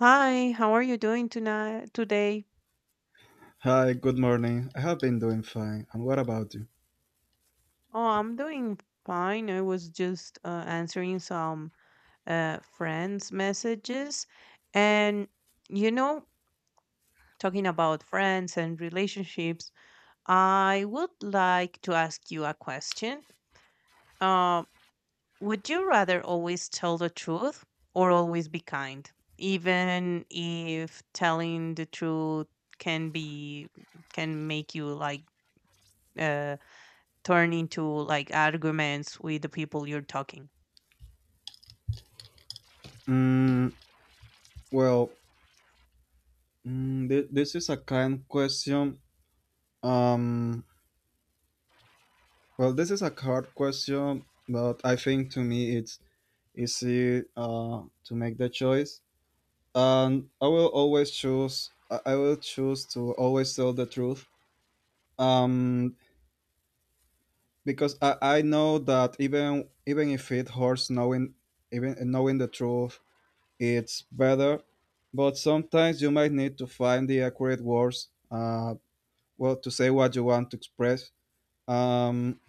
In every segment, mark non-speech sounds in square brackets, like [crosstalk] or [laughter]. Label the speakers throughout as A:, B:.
A: Hi, how are you doing tonight today?
B: Hi, good morning. I have been doing fine. And what about you?
A: Oh, I'm doing fine. I was just answering some friends' messages, and you know, talking about friends and relationships, I would like to ask you a question. Uh, would you rather always tell the truth or always be kind, even if telling the truth can be can make you like uh turn into like arguments with the people you're talking
B: Mm, well, this is a kind question. Um, this is a hard question, but I think to me it's easy to make the choice. And I will always choose. I will choose to always tell the truth. Um, because I know that even if it hurts knowing, even knowing the truth, it's better. But sometimes you might need to find the accurate words, to say what you want to express. Um,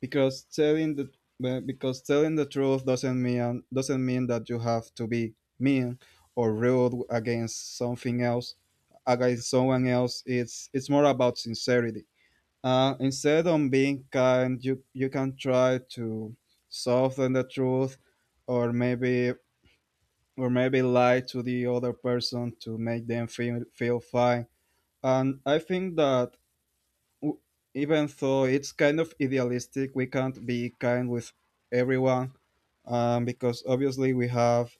B: because because telling the truth doesn't mean that you have to be mean or rude against against someone else. It's more about sincerity. Instead of being kind, you can try to soften the truth, or maybe or maybe lie to the other person to make them feel fine. And I think that w- even though it's kind of idealistic, we can't be kind with everyone, because obviously we have,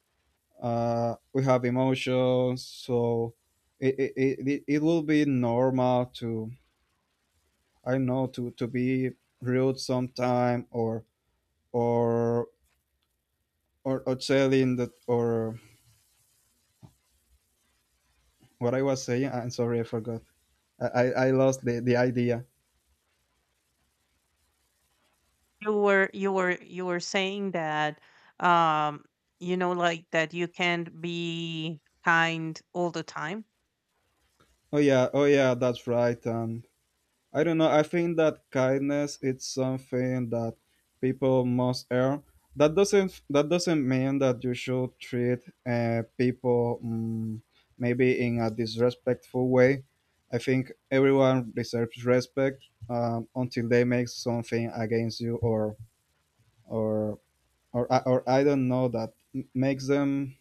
B: we have emotions, so it, it, it will be normal to, I don't know, to be rude sometime, or or telling that or what I was saying. I'm sorry, I forgot. I lost the idea.
A: you were you were you were saying that um like that you can't be kind all the time.
B: Oh yeah, oh yeah, that's right. And I don't know. I think that kindness, it's something that people must earn. That doesn't mean that you should treat people, maybe in a disrespectful way. I think everyone deserves respect, until they make something against you, or or I don't know, that makes them,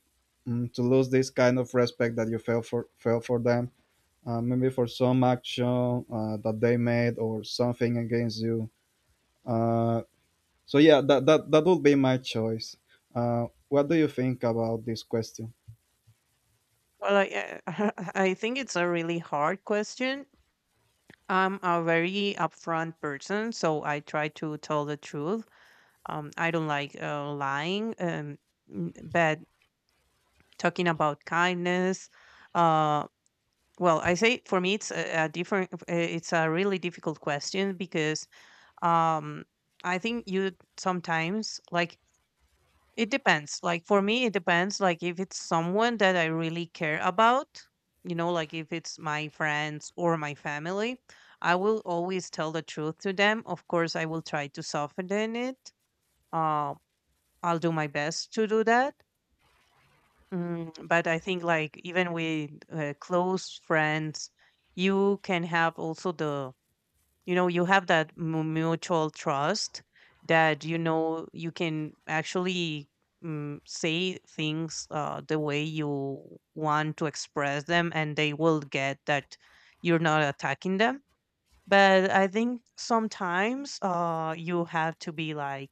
B: to lose this kind of respect that you felt for them. Maybe for some action that they made or something against you. Uh, so that would be my choice. What do you think about this question?
A: Well, I [laughs] I think it's a really hard question. I'm a very upfront person, so I try to tell the truth. I don't like lying. But talking about kindness uh. Well, I say for me, it's a different. It's a really difficult question because um, I think you sometimes like it depends. Like for me, it depends. Like if it's someone that I really care about, like if it's my friends or my family, I will always tell the truth to them. Of course, I will try to soften it. Uh, I'll do my best to do that. But I think like even with close friends, you can have also you have that mutual trust that you know you can actually say things the way you want to express them, and they will get that you're not attacking them. But I think sometimes you have to be like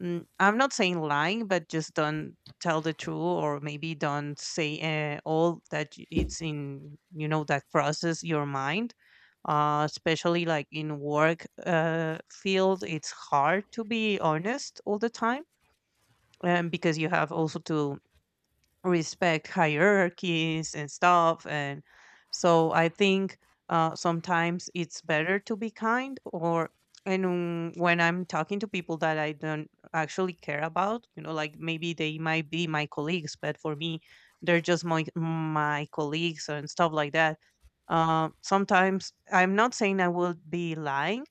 A: I'm not saying lying, but just don't tell the truth, or maybe don't say all that it's in that crosses your mind. Especially like in work field, it's hard to be honest all the time, because you have also to respect hierarchies and stuff, and so I think, sometimes it's better to be kind or and when I'm talking to people that I don't actually care about, like maybe they might be my colleagues, but for me they're just my colleagues and stuff like that. Sometimes I'm not saying I will be lying,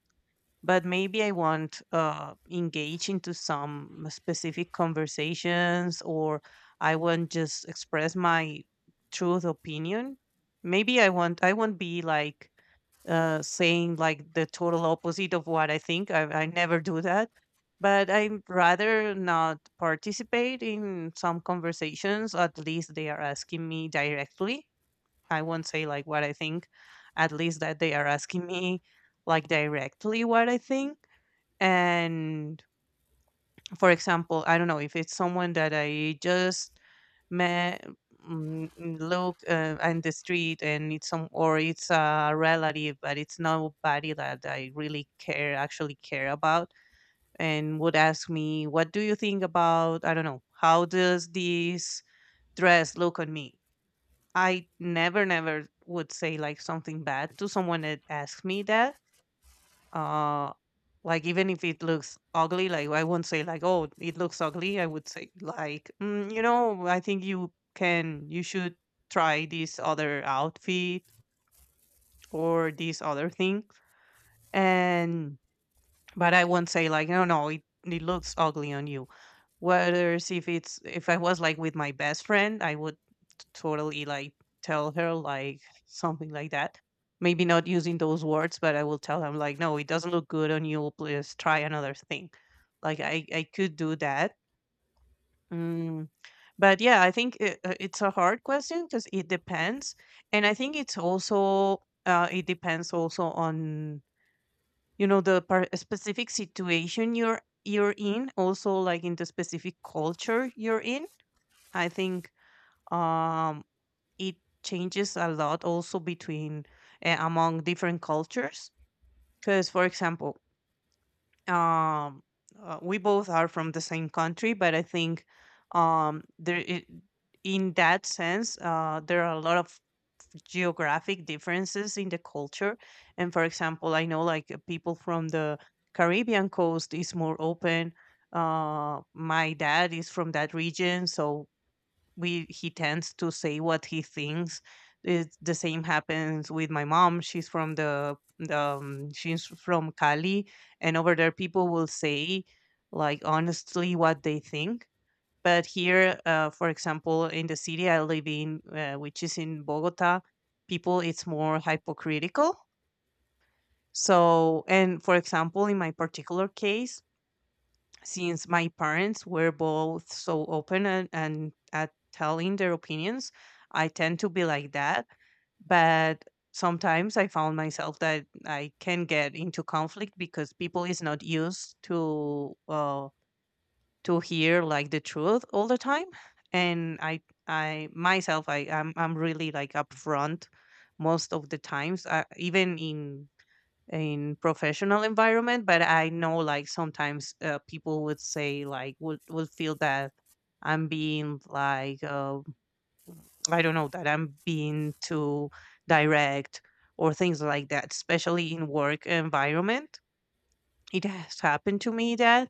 A: but maybe I want engage into some specific conversations, or I want just express my truth opinion. Maybe I won't be like saying like the total opposite of what I think. I never do that, but I'd rather not participate in some conversations. At least they are asking me directly, I won't say like what I think, at least that they are asking me like directly what I think. And for example, I don't know if it's someone that I just met, look in the street, and it's some or it's a relative, but it's nobody that I really care actually care about, and would ask me, "What do you think about I don't know how does this dress look on me?" I never, never would say like something bad to someone that asks me that. Uh, like even if it looks ugly, like I won't say like, "Oh, it looks ugly." I would say like, "You know, I think you should try this other outfit or this other thing." And but I won't say like, "No, no, it looks ugly on you." Whereas if I was like with my best friend, I would totally like tell her like something like that. Maybe not using those words, but I will tell him like, no, it doesn't look good on you. Please try another thing. Like I could do that. Mm. But yeah, I think it's a hard question because it depends, and I think it depends also on the specific situation you're in, also like in the specific culture you're in. I think um it changes a lot also between among different cultures because for example um we both are from the same country, but I think there I in that sense there are a lot of geographic differences in the culture. And for example, I know like people from the Caribbean coast is more open. My dad is from that region, so we he tends to say what he thinks. The same happens with my mom. She's from Cali, and over there people will say like honestly what they think. But here, for example, in the city I live in, which is in Bogota, people it's more hypocritical. So, and for example, in my particular case, since my parents were both so open and, at telling their opinions, I tend to be like that. But sometimes I found myself that I can get into conflict because people is not used to hear like the truth all the time. And I myself, I'm really like upfront most of the times, even in professional environment, but I know like sometimes people would say like would feel that I'm being like I don't know, that I'm being too direct or things like that, especially in work environment. It has happened to me that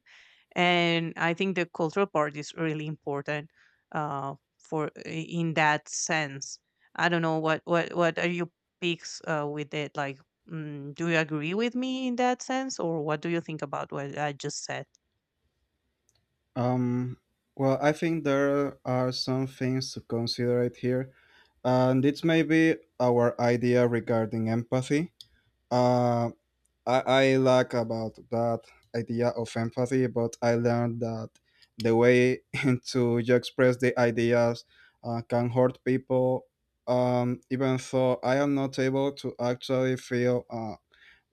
A: and I think the cultural part is really important, for in that sense. I don't know what are your picks with it, like, do you agree with me in that sense, or what do you think about what I just said?
B: Um, I think there are some things to consider it here, and it's maybe our idea regarding empathy. Uh, I like about that idea of empathy, but I learned that the way [laughs] to you express the ideas can hurt people. Even though I am not able to actually feel,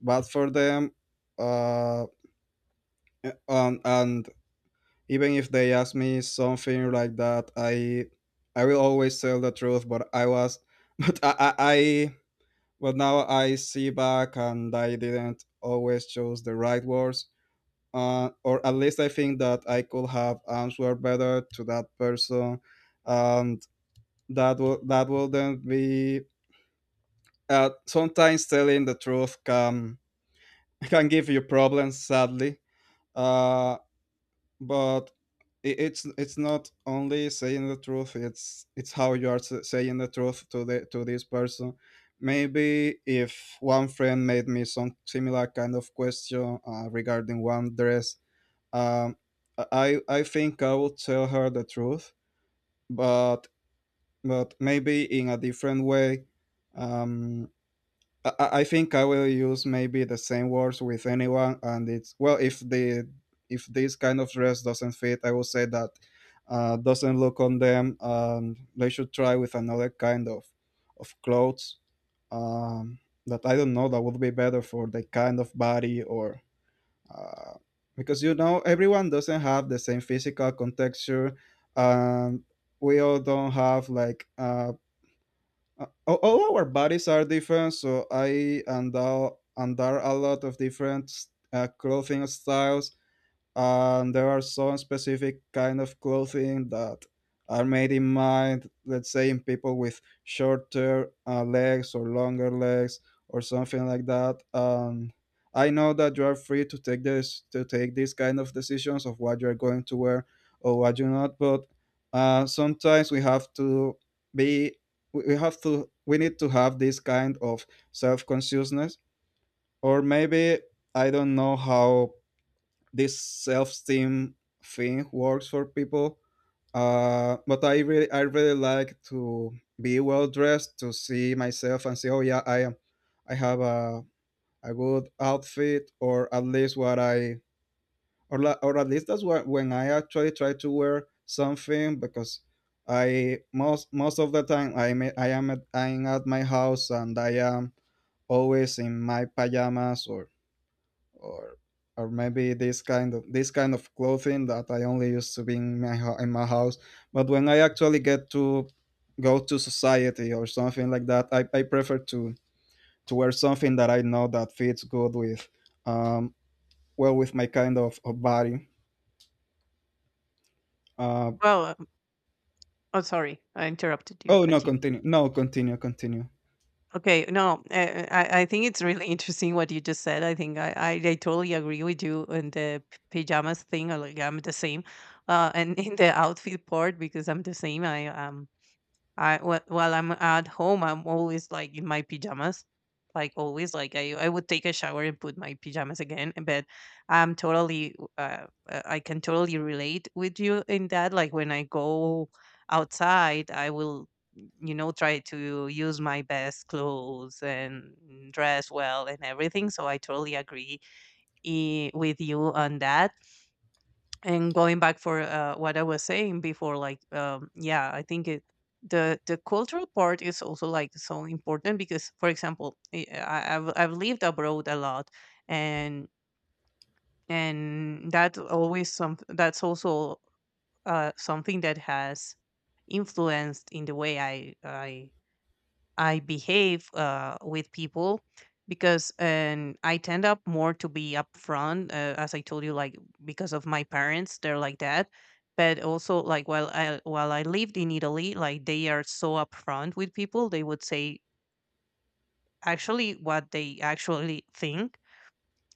B: bad for them, uh, and even if they ask me something like that, I will always tell the truth. But I was, [laughs] but I but now I see back and I didn't always choose the right words, or at least I think that I could have answered better to that person, and that will then be. Sometimes telling the truth can [laughs] can give you problems, sadly. Uh, but it's not only saying the truth; it's how you are saying the truth to this person. Maybe if one friend made me some similar kind of question regarding one dress, Um, I think I would tell her the truth, but but maybe in a different way. Um, I think I will use maybe the same words with anyone, and it's well if the if this kind of dress doesn't fit, I will say that, doesn't look on them. They should try with another kind of clothes. Um, that I don't know, that would be better for the kind of body, or uh, because you know everyone doesn't have the same physical contexture. Um, we all don't have like, all our bodies are different, so I and all and under, are a lot of different clothing styles, and there are some specific kind of clothing that are made in mind, let's say, in people with shorter legs or longer legs or something like that. And I know that you are free to take this to take these kind of decisions of what you're going to wear or what you not, but sometimes we have to be, we need to have this kind of self-consciousness, or maybe, I don't know how this self-esteem thing works for people. But I really like to be well dressed, to see myself and say, oh yeah, I am, I have a good outfit, or at least what I, or at least that's what, when I actually try to wear something. Because I most most of the time I'm at my house and I am always in my pajamas, or or maybe this kind of clothing that I only used to be in my in my house. But when I actually get to go to society or something like that, I prefer to wear something that I know that fits good with, um, well, with my kind of body. Uh,
A: Well, oh, sorry, I interrupted you.
B: oh no,
A: Continue.
B: continue. No, continue, continue.
A: Okay, no, I think it's really [laughs] interesting what you just said. I think I totally agree with you on the pajamas thing. Like I'm the same, and [laughs] in the outfit part because I'm the same. I am I wh- While I'm at home, I'm always like in my pajamas, like always. Like I would take a shower and put my pajamas again. But I can totally relate with you in that. Like when I go outside, I will, try to use my best clothes and dress well and everything. So I totally agree with you on that. And going back for what I was saying before, like yeah, I think it the cultural part is also like so important because, for example, I've lived abroad a lot, and that's also something that has influenced in the way I behave with people, because and I tend up more to be upfront, as I told you, like because of my parents, they're like that. But also like while I lived in Italy, like they are so upfront with people, they would say actually what they actually think.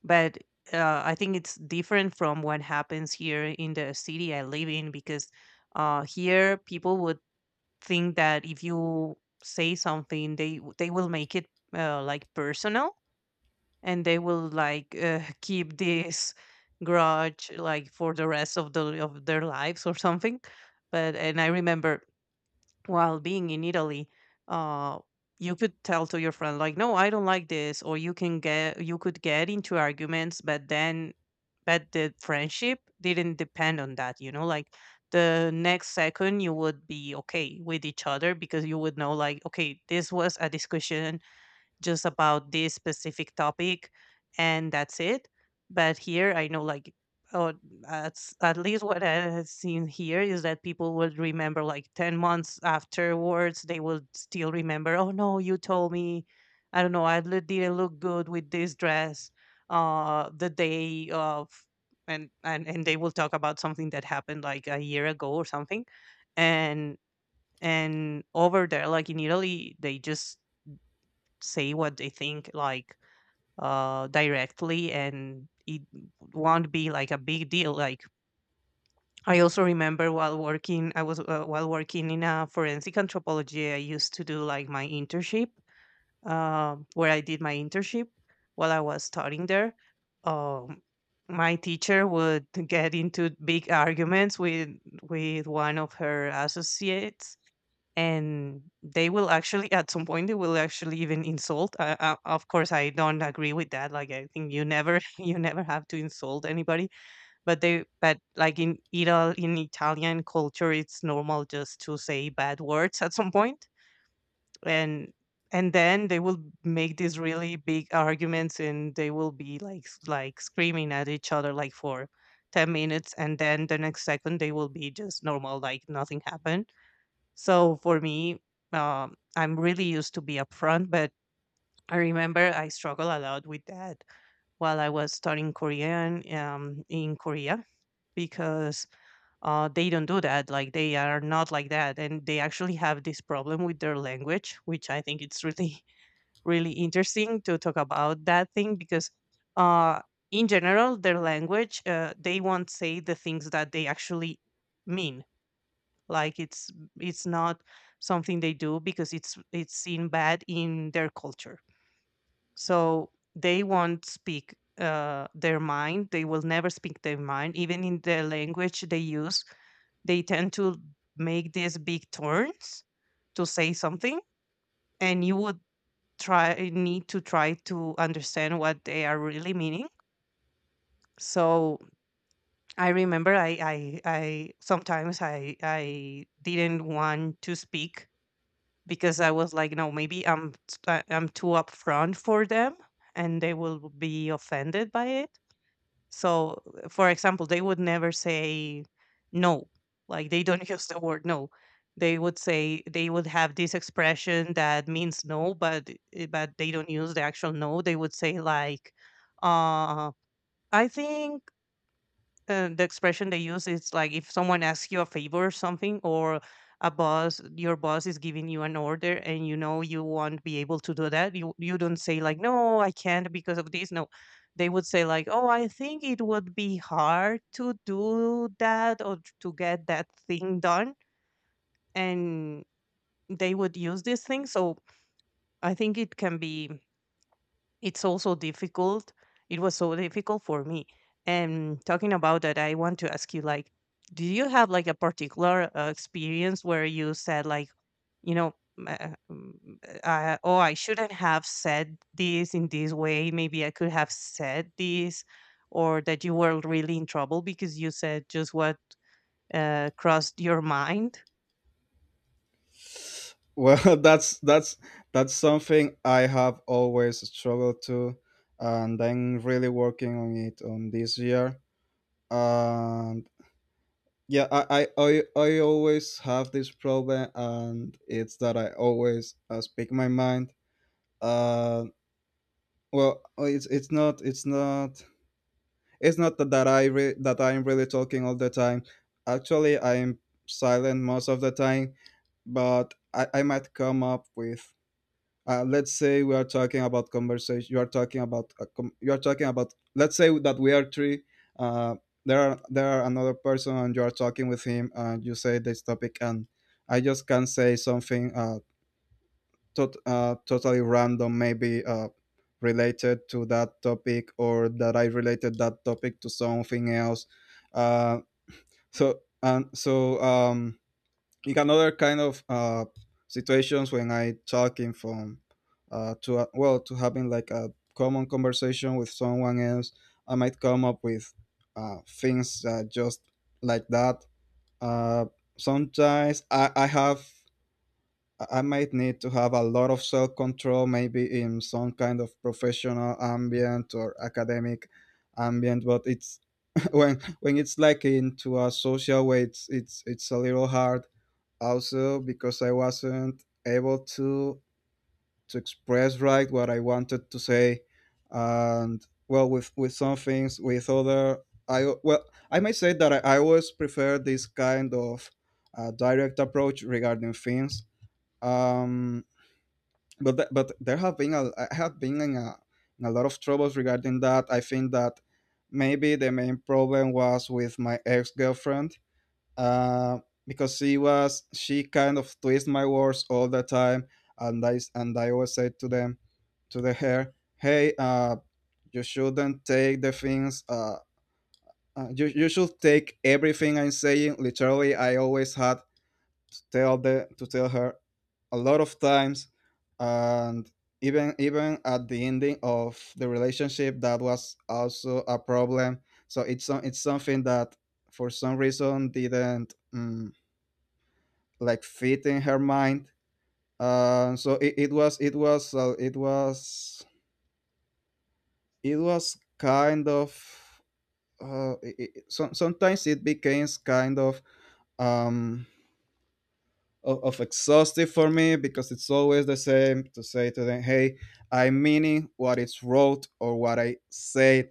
A: But I think it's different from what happens here in the city I live in, because here people would think that if you say something, they they will make it like personal, and they will like [laughs] keep this grudge like for the rest of their lives or something. But and I remember while being in Italy, uh, you could tell to your friend like, "No, I don't like this," or you could get into arguments, but then, but the friendship didn't depend on that. You know, like the next second you would be okay with each other because you would know like, okay, this was a discussion just about this specific topic and that's it. But here I know like, oh, at, at least what I have seen here is that people will remember like 10 months afterwards. They will still remember, oh no, you told me I don't know I li- didn't look good with this dress the day of. And they will talk about something that happened like a year ago or something. and and over there like in Italy they just say what they think, like directly, and it won't be like a big deal. Like I also remember while working I was while working in a forensic anthropology I used to do like my internship, where I did my internship while I was studying there. um my teacher would get into big arguments with one of her associates, and they will actually at some point they will actually even insult of course I don't agree with that, like I think you never [laughs] you never have to insult anybody. But they but like in Italian culture it's normal just to say bad words at some point. and and then they will make these really big arguments and they will be like like screaming at each other like for 10 minutes, and then the next second they will be just normal like nothing happened. So for me, I'm really used to be upfront, but I remember I struggle a lot with that while I was studying Korean in Korea, because they don't do that. Like they are not like that, and they actually have this problem with their language, which I think it's really [laughs] really interesting to talk about that thing. Because uh, in general, their language they won't say the things that they actually mean. Like it's not something they do because it's seen bad in their culture. So they won't speak their mind. They will never speak their mind, even in the language they use. They tend to make these big turns to say something, and you would try to understand what they are really meaning. So I remember I sometimes I didn't want to speak, because I was like, no, maybe I'm I'm too upfront for them, and they will be offended by it. So, for example, they would never say no, like they don't [laughs] use the word no. They would say they would have this expression that means no, but but they don't use the actual no. They would say like, uh, I think the expression they use is like if someone asks you a favor or something, or a boss, your boss is giving you an order and you know you won't be able to do that, you don't say like, no, I can't because of this, no. They would say like, oh, I think it would be hard to do that or to get that thing done. And they would use this thing. So I think it can be, it's also difficult, it was so difficult for me. And talking about that, I want to ask you like, do you have like a particular experience where you said like, you know, uh, mm, oh, I shouldn't have said this in this way, maybe I could have said this, or that you were really in trouble because you said just what crossed your mind?
B: Well, [laughs] that's something I have always struggled to, and I'm really working on it on this year. And yeah, I always have this problem, and it's that I always, speak my mind. Uh well it's not it's not it's not that, that that I'm really talking all the time. Actually, I'm silent most of the time, but I might come up with, let's say we are talking about conversation, you are talking about a you are talking about, let's say that we are three, uh, there are another person and you are talking with him and you say this topic, and I just can say something, totally random, maybe, related to that topic or that I related that topic to something else. Uh, so and so, in another kind of, situations, when I talking from, to, well to having like a common conversation with someone else, I might come up with, things, just like that. Uh, sometimes I might need to have a lot of self control, maybe in some kind of professional ambient or academic ambient. But it's [laughs] when it's like into a social way, it's a little hard, also because I wasn't able to express right what I wanted to say, and well, with some things, with other, I well, I might say that I always prefer this kind of, direct approach regarding things. Um, but there have been a, I have been in a lot of troubles regarding that. I think that maybe the main problem was with my ex-girlfriend, uh, because she kind of twists my words all the time. And I always say to them, to the hair hey, uh, you shouldn't take the things, uh, you should take everything I'm saying literally. I always had to tell the to tell her a lot of times. And even, even at the ending of the relationship that was also a problem. So it's some, it's something that for some reason didn't, mm, like fit in her mind. Uh, so it was it was it was it was kind of, sometimes it becomes kind of, um, of exhaustive for me, because it's always the same, to say to them, hey, I'm meaning what it's wrote or what I said.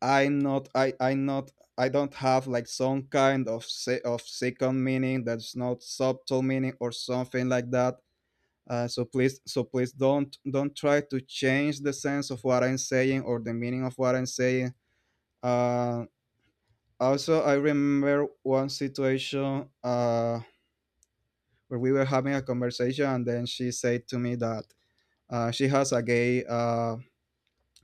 B: I'm not, I don't have like some kind of of second meaning, that's not subtle meaning or something like that. So please don't try to change the sense of what I'm saying or the meaning of what I'm saying. Uh, also, I remember one situation. Where we were having a conversation, and then she said to me that, she has a gay,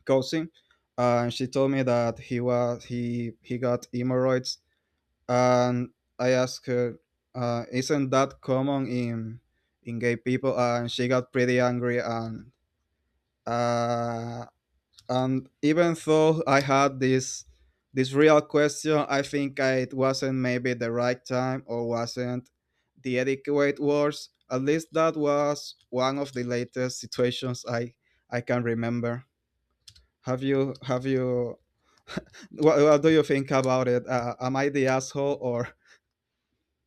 B: cousin, and she told me that he was he got hemorrhoids, and I asked her, "Isn't that common in gay people?" And she got pretty angry. And, uh, and even though I had this, this real question, I think it wasn't maybe the right time, or wasn't the adequate words. At least that was one of the latest situations I can remember. Have you [laughs] what do you think about it, am I the asshole or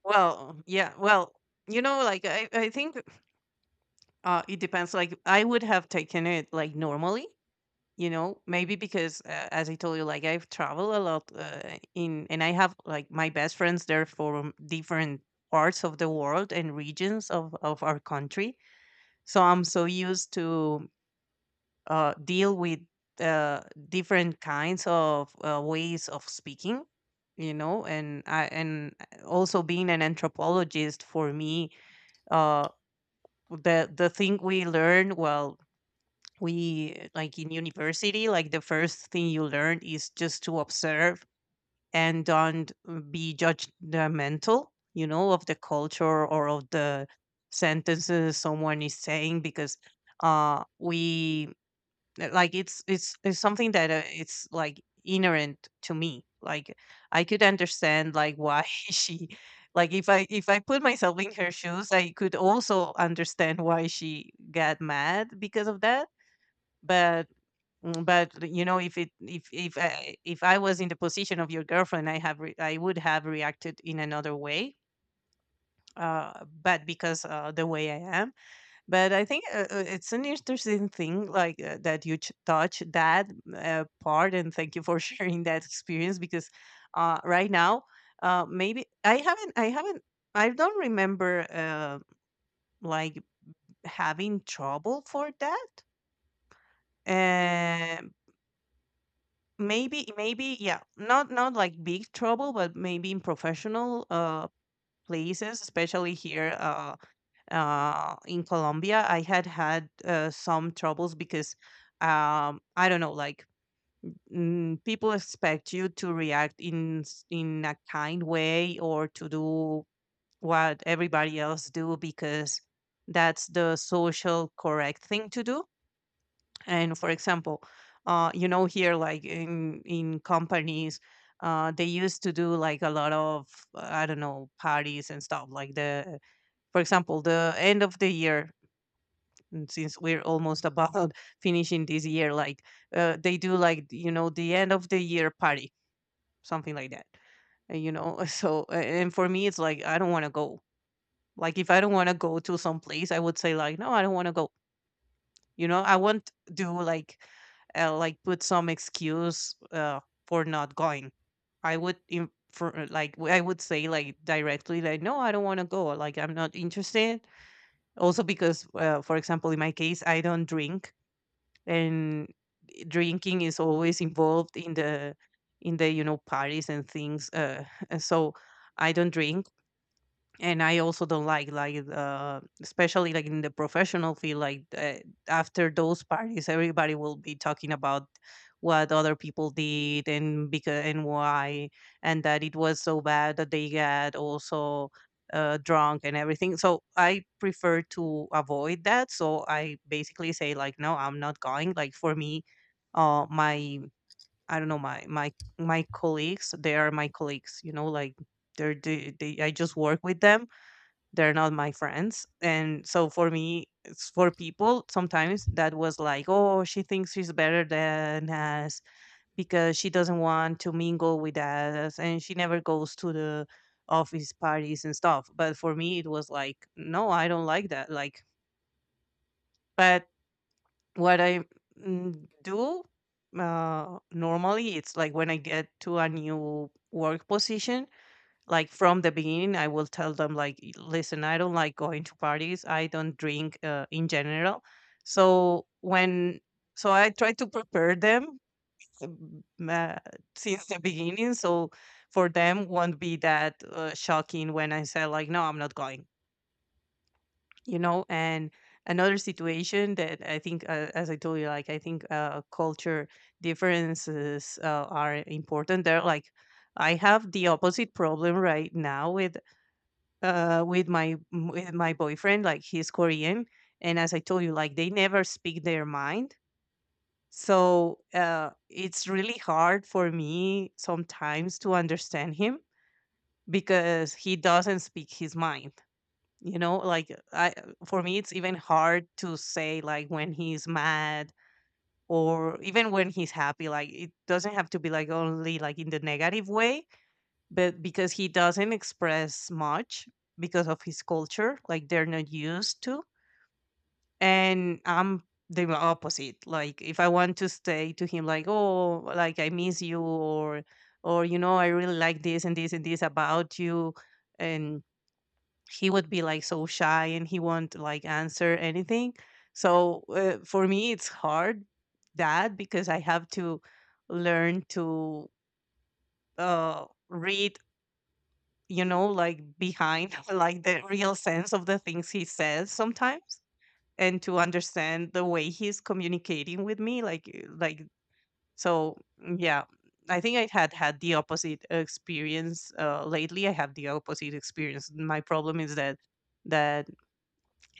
A: Well, yeah. Well, you know, like I think it depends. Like I would have taken it like normally, you know, maybe because as I told you, like I've traveled a lot and I have like my best friends there from different parts of the world and regions of our country. So I'm so used to deal with uh, different kinds of ways of speaking, you know, and I and also being an anthropologist for me, uh, the thing we learn, well, we like in university, like the first thing you learn is just to observe and don't be judgmental, you know, of the culture or of the sentences someone is saying, because we like it's it's something that it's like inherent to me. Like I could understand like why [laughs] she, like if I put myself in her shoes, I could also understand why she got mad because of that. But but you know, if it, if I was in the position of your girlfriend, I would have reacted in another way, but because the way I am. But I think it's an interesting thing, like that you touch that part, and thank you for [laughs] sharing that experience. Because right now, maybe I haven't, I don't remember like having trouble for that. Uh, Maybe, maybe, yeah, not not like big trouble, but maybe in professional places, especially here. In Colombia, I had had some troubles because I don't know, like people expect you to react in a kind way, or to do what everybody else do, because that's the social correct thing to do. And for example, you know, here like in companies. They used to do like a lot of I don't know, parties and stuff, like the, for example, the end of the year. And since we're almost about [laughs] finishing this year, like they do like, you know, the end of the year party, something like that. You know [laughs] so and for me it's like I don't want to go. Like if I don't want to go to some place, I would say like, no, I don't want to go. You know, I won't do like put some excuse for not going. I would say like directly, like, no, I don't want to go, like, I'm not interested. Also because for example, in my case I don't drink, and drinking is always involved in the in the, you know, parties and things. [laughs] And so I don't drink. And I also don't like especially like in the professional field, like after those parties everybody will be talking about what other people did, and because and why, and that it was so bad that they got also drunk and everything. So I prefer to avoid that, so I basically say like, no, I'm not going. Like for me, my, I don't know, my colleagues, they are my colleagues, you know, like they're they I just work with them, they're not my friends. And so for me, it's, for people, sometimes that was like, oh, she thinks she's better than us because she doesn't want to mingle with us and she never goes to the office parties and stuff. But for me, it was like, no, I don't like that. Like, but what I do normally, it's like when I get to a new work position, like from the beginning I will tell them like, Listen, I don't like going to parties, I don't drink in general." So when, so I try to prepare them um, uh, since the beginning, so for them won't be that shocking when I say like, no, I'm not going, you know. And another situation that I think as I told you, like I think culture differences are important, they're like, I have the opposite problem right now with with my boyfriend. Like he's Korean, and as I told you, like they never speak their mind. So it's really hard for me sometimes to understand him, because he doesn't speak his mind. You know, like I, for me, it's even hard to say like when he's mad or even when he's happy. Like it doesn't have to be like only like in the negative way, but because he doesn't express much, because of his culture, like they're not used to. And I'm the opposite. Like if I want to say to him, like, oh, like I miss you, or you know, I really like this and this and this about you, and he would be like so shy, and he won't like answer anything. So for me, it's hard that, because I have to learn to read, you know, like behind [laughs] like the real sense of the things he says sometimes, and to understand the way he's communicating with me like like, so yeah, I think I had had the opposite experience. Lately I have the opposite experience, my problem is that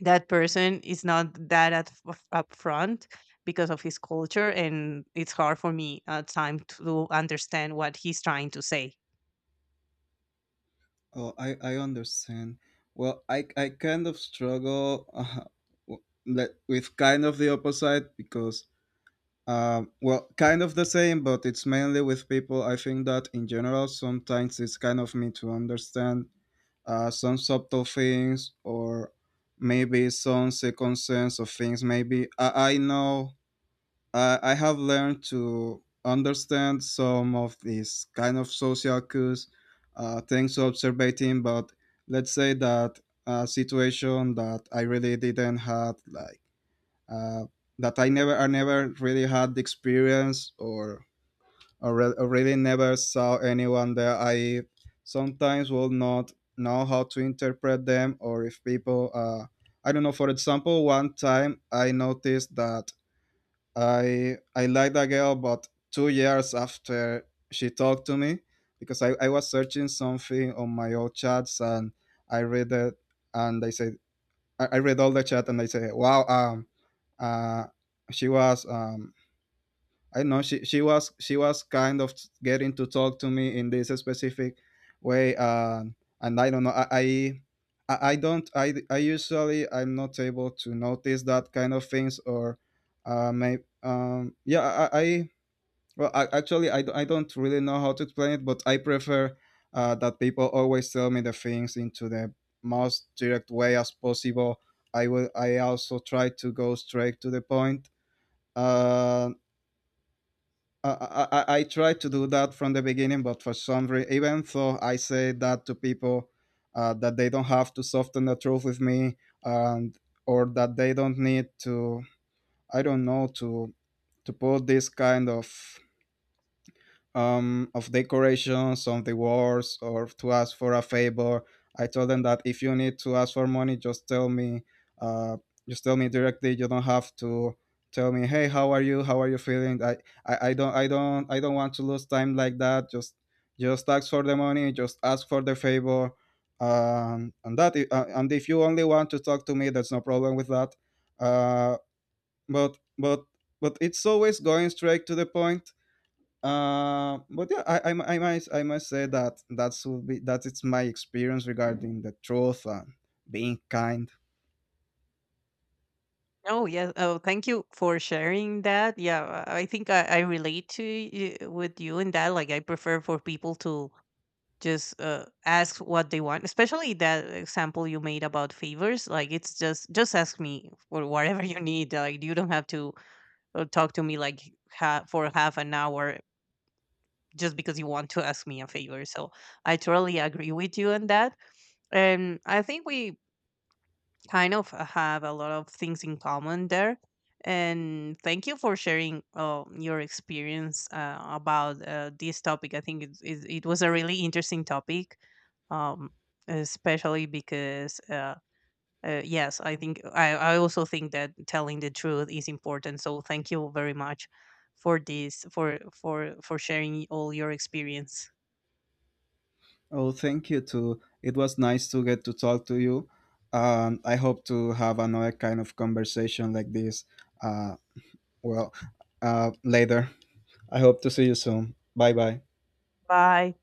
A: that person is not that upfront because of his culture, and it's hard for me at time to understand what he's trying to say.
B: oh I understand. Well, I kind of struggle, with kind of the opposite. Because, um, well, kind of the same, but it's mainly with people. I think that in general, sometimes it's kind of me to understand, some subtle things, or maybe some second sense of things. Maybe I know, I have learned to understand some of these kind of social cues, things observating, but let's say that a situation that I really didn't have like, uh, that I never really had the experience or, or really never saw anyone there. I sometimes will not know how to interpret them, or if people, I don't know. For example, one time I noticed that I liked a girl, but 2 years after she talked to me, because I was searching something on my old chats and I read it. And I read all the chat and I say, wow, uh, she was, I know she was kind of getting to talk to me in this specific way, and I don't know, I usually I'm not able to notice that kind of things, or may yeah I well, I, actually, I don't really know how to explain it, but I prefer, that people always tell me the things into the most direct way as possible. I will. I also try to go straight to the point. Uh, I try to do that from the beginning, but for some reason, even though I say that to people, that they don't have to soften the truth with me, and or that they don't need to, I don't know, to put this kind of, of decorations, of the wars, or to ask for a favor. I told them that if you need to ask for money, just tell me. Uh, just tell me directly. You don't have to tell me, "Hey, how are you? How are you feeling?" I don't, I don't want to lose time like that. Just ask for the money. Just ask for the favor. And that, and if you only want to talk to me, there's no problem with that. Uh, but, but, but it's always going straight to the point. Uh, but yeah, I, mu- I might I must say that that's will be that it's my experience regarding the truth and being kind.
A: Oh yeah. Oh, thank you for sharing that. Yeah, I think I relate to you, with you in that. Like, I prefer for people to just ask what they want, especially that example you made about favors. Like it's just ask me for whatever [laughs] you need, like you don't have to talk to me like for half an hour just because you want to ask me a favor. So I totally agree with you on that, and I think we kind of have a lot of things in common there. And thank you for sharing your experience about this topic. I think it was a really interesting topic, um, especially because, yes, I think I also think that telling the truth is important. So thank you very much for this, for sharing all your experience.
B: Oh, thank you too. It was nice to get to talk to you. I hope to have another kind of conversation like this. Uh, well, later. I hope to see you soon. Bye bye.
A: Bye.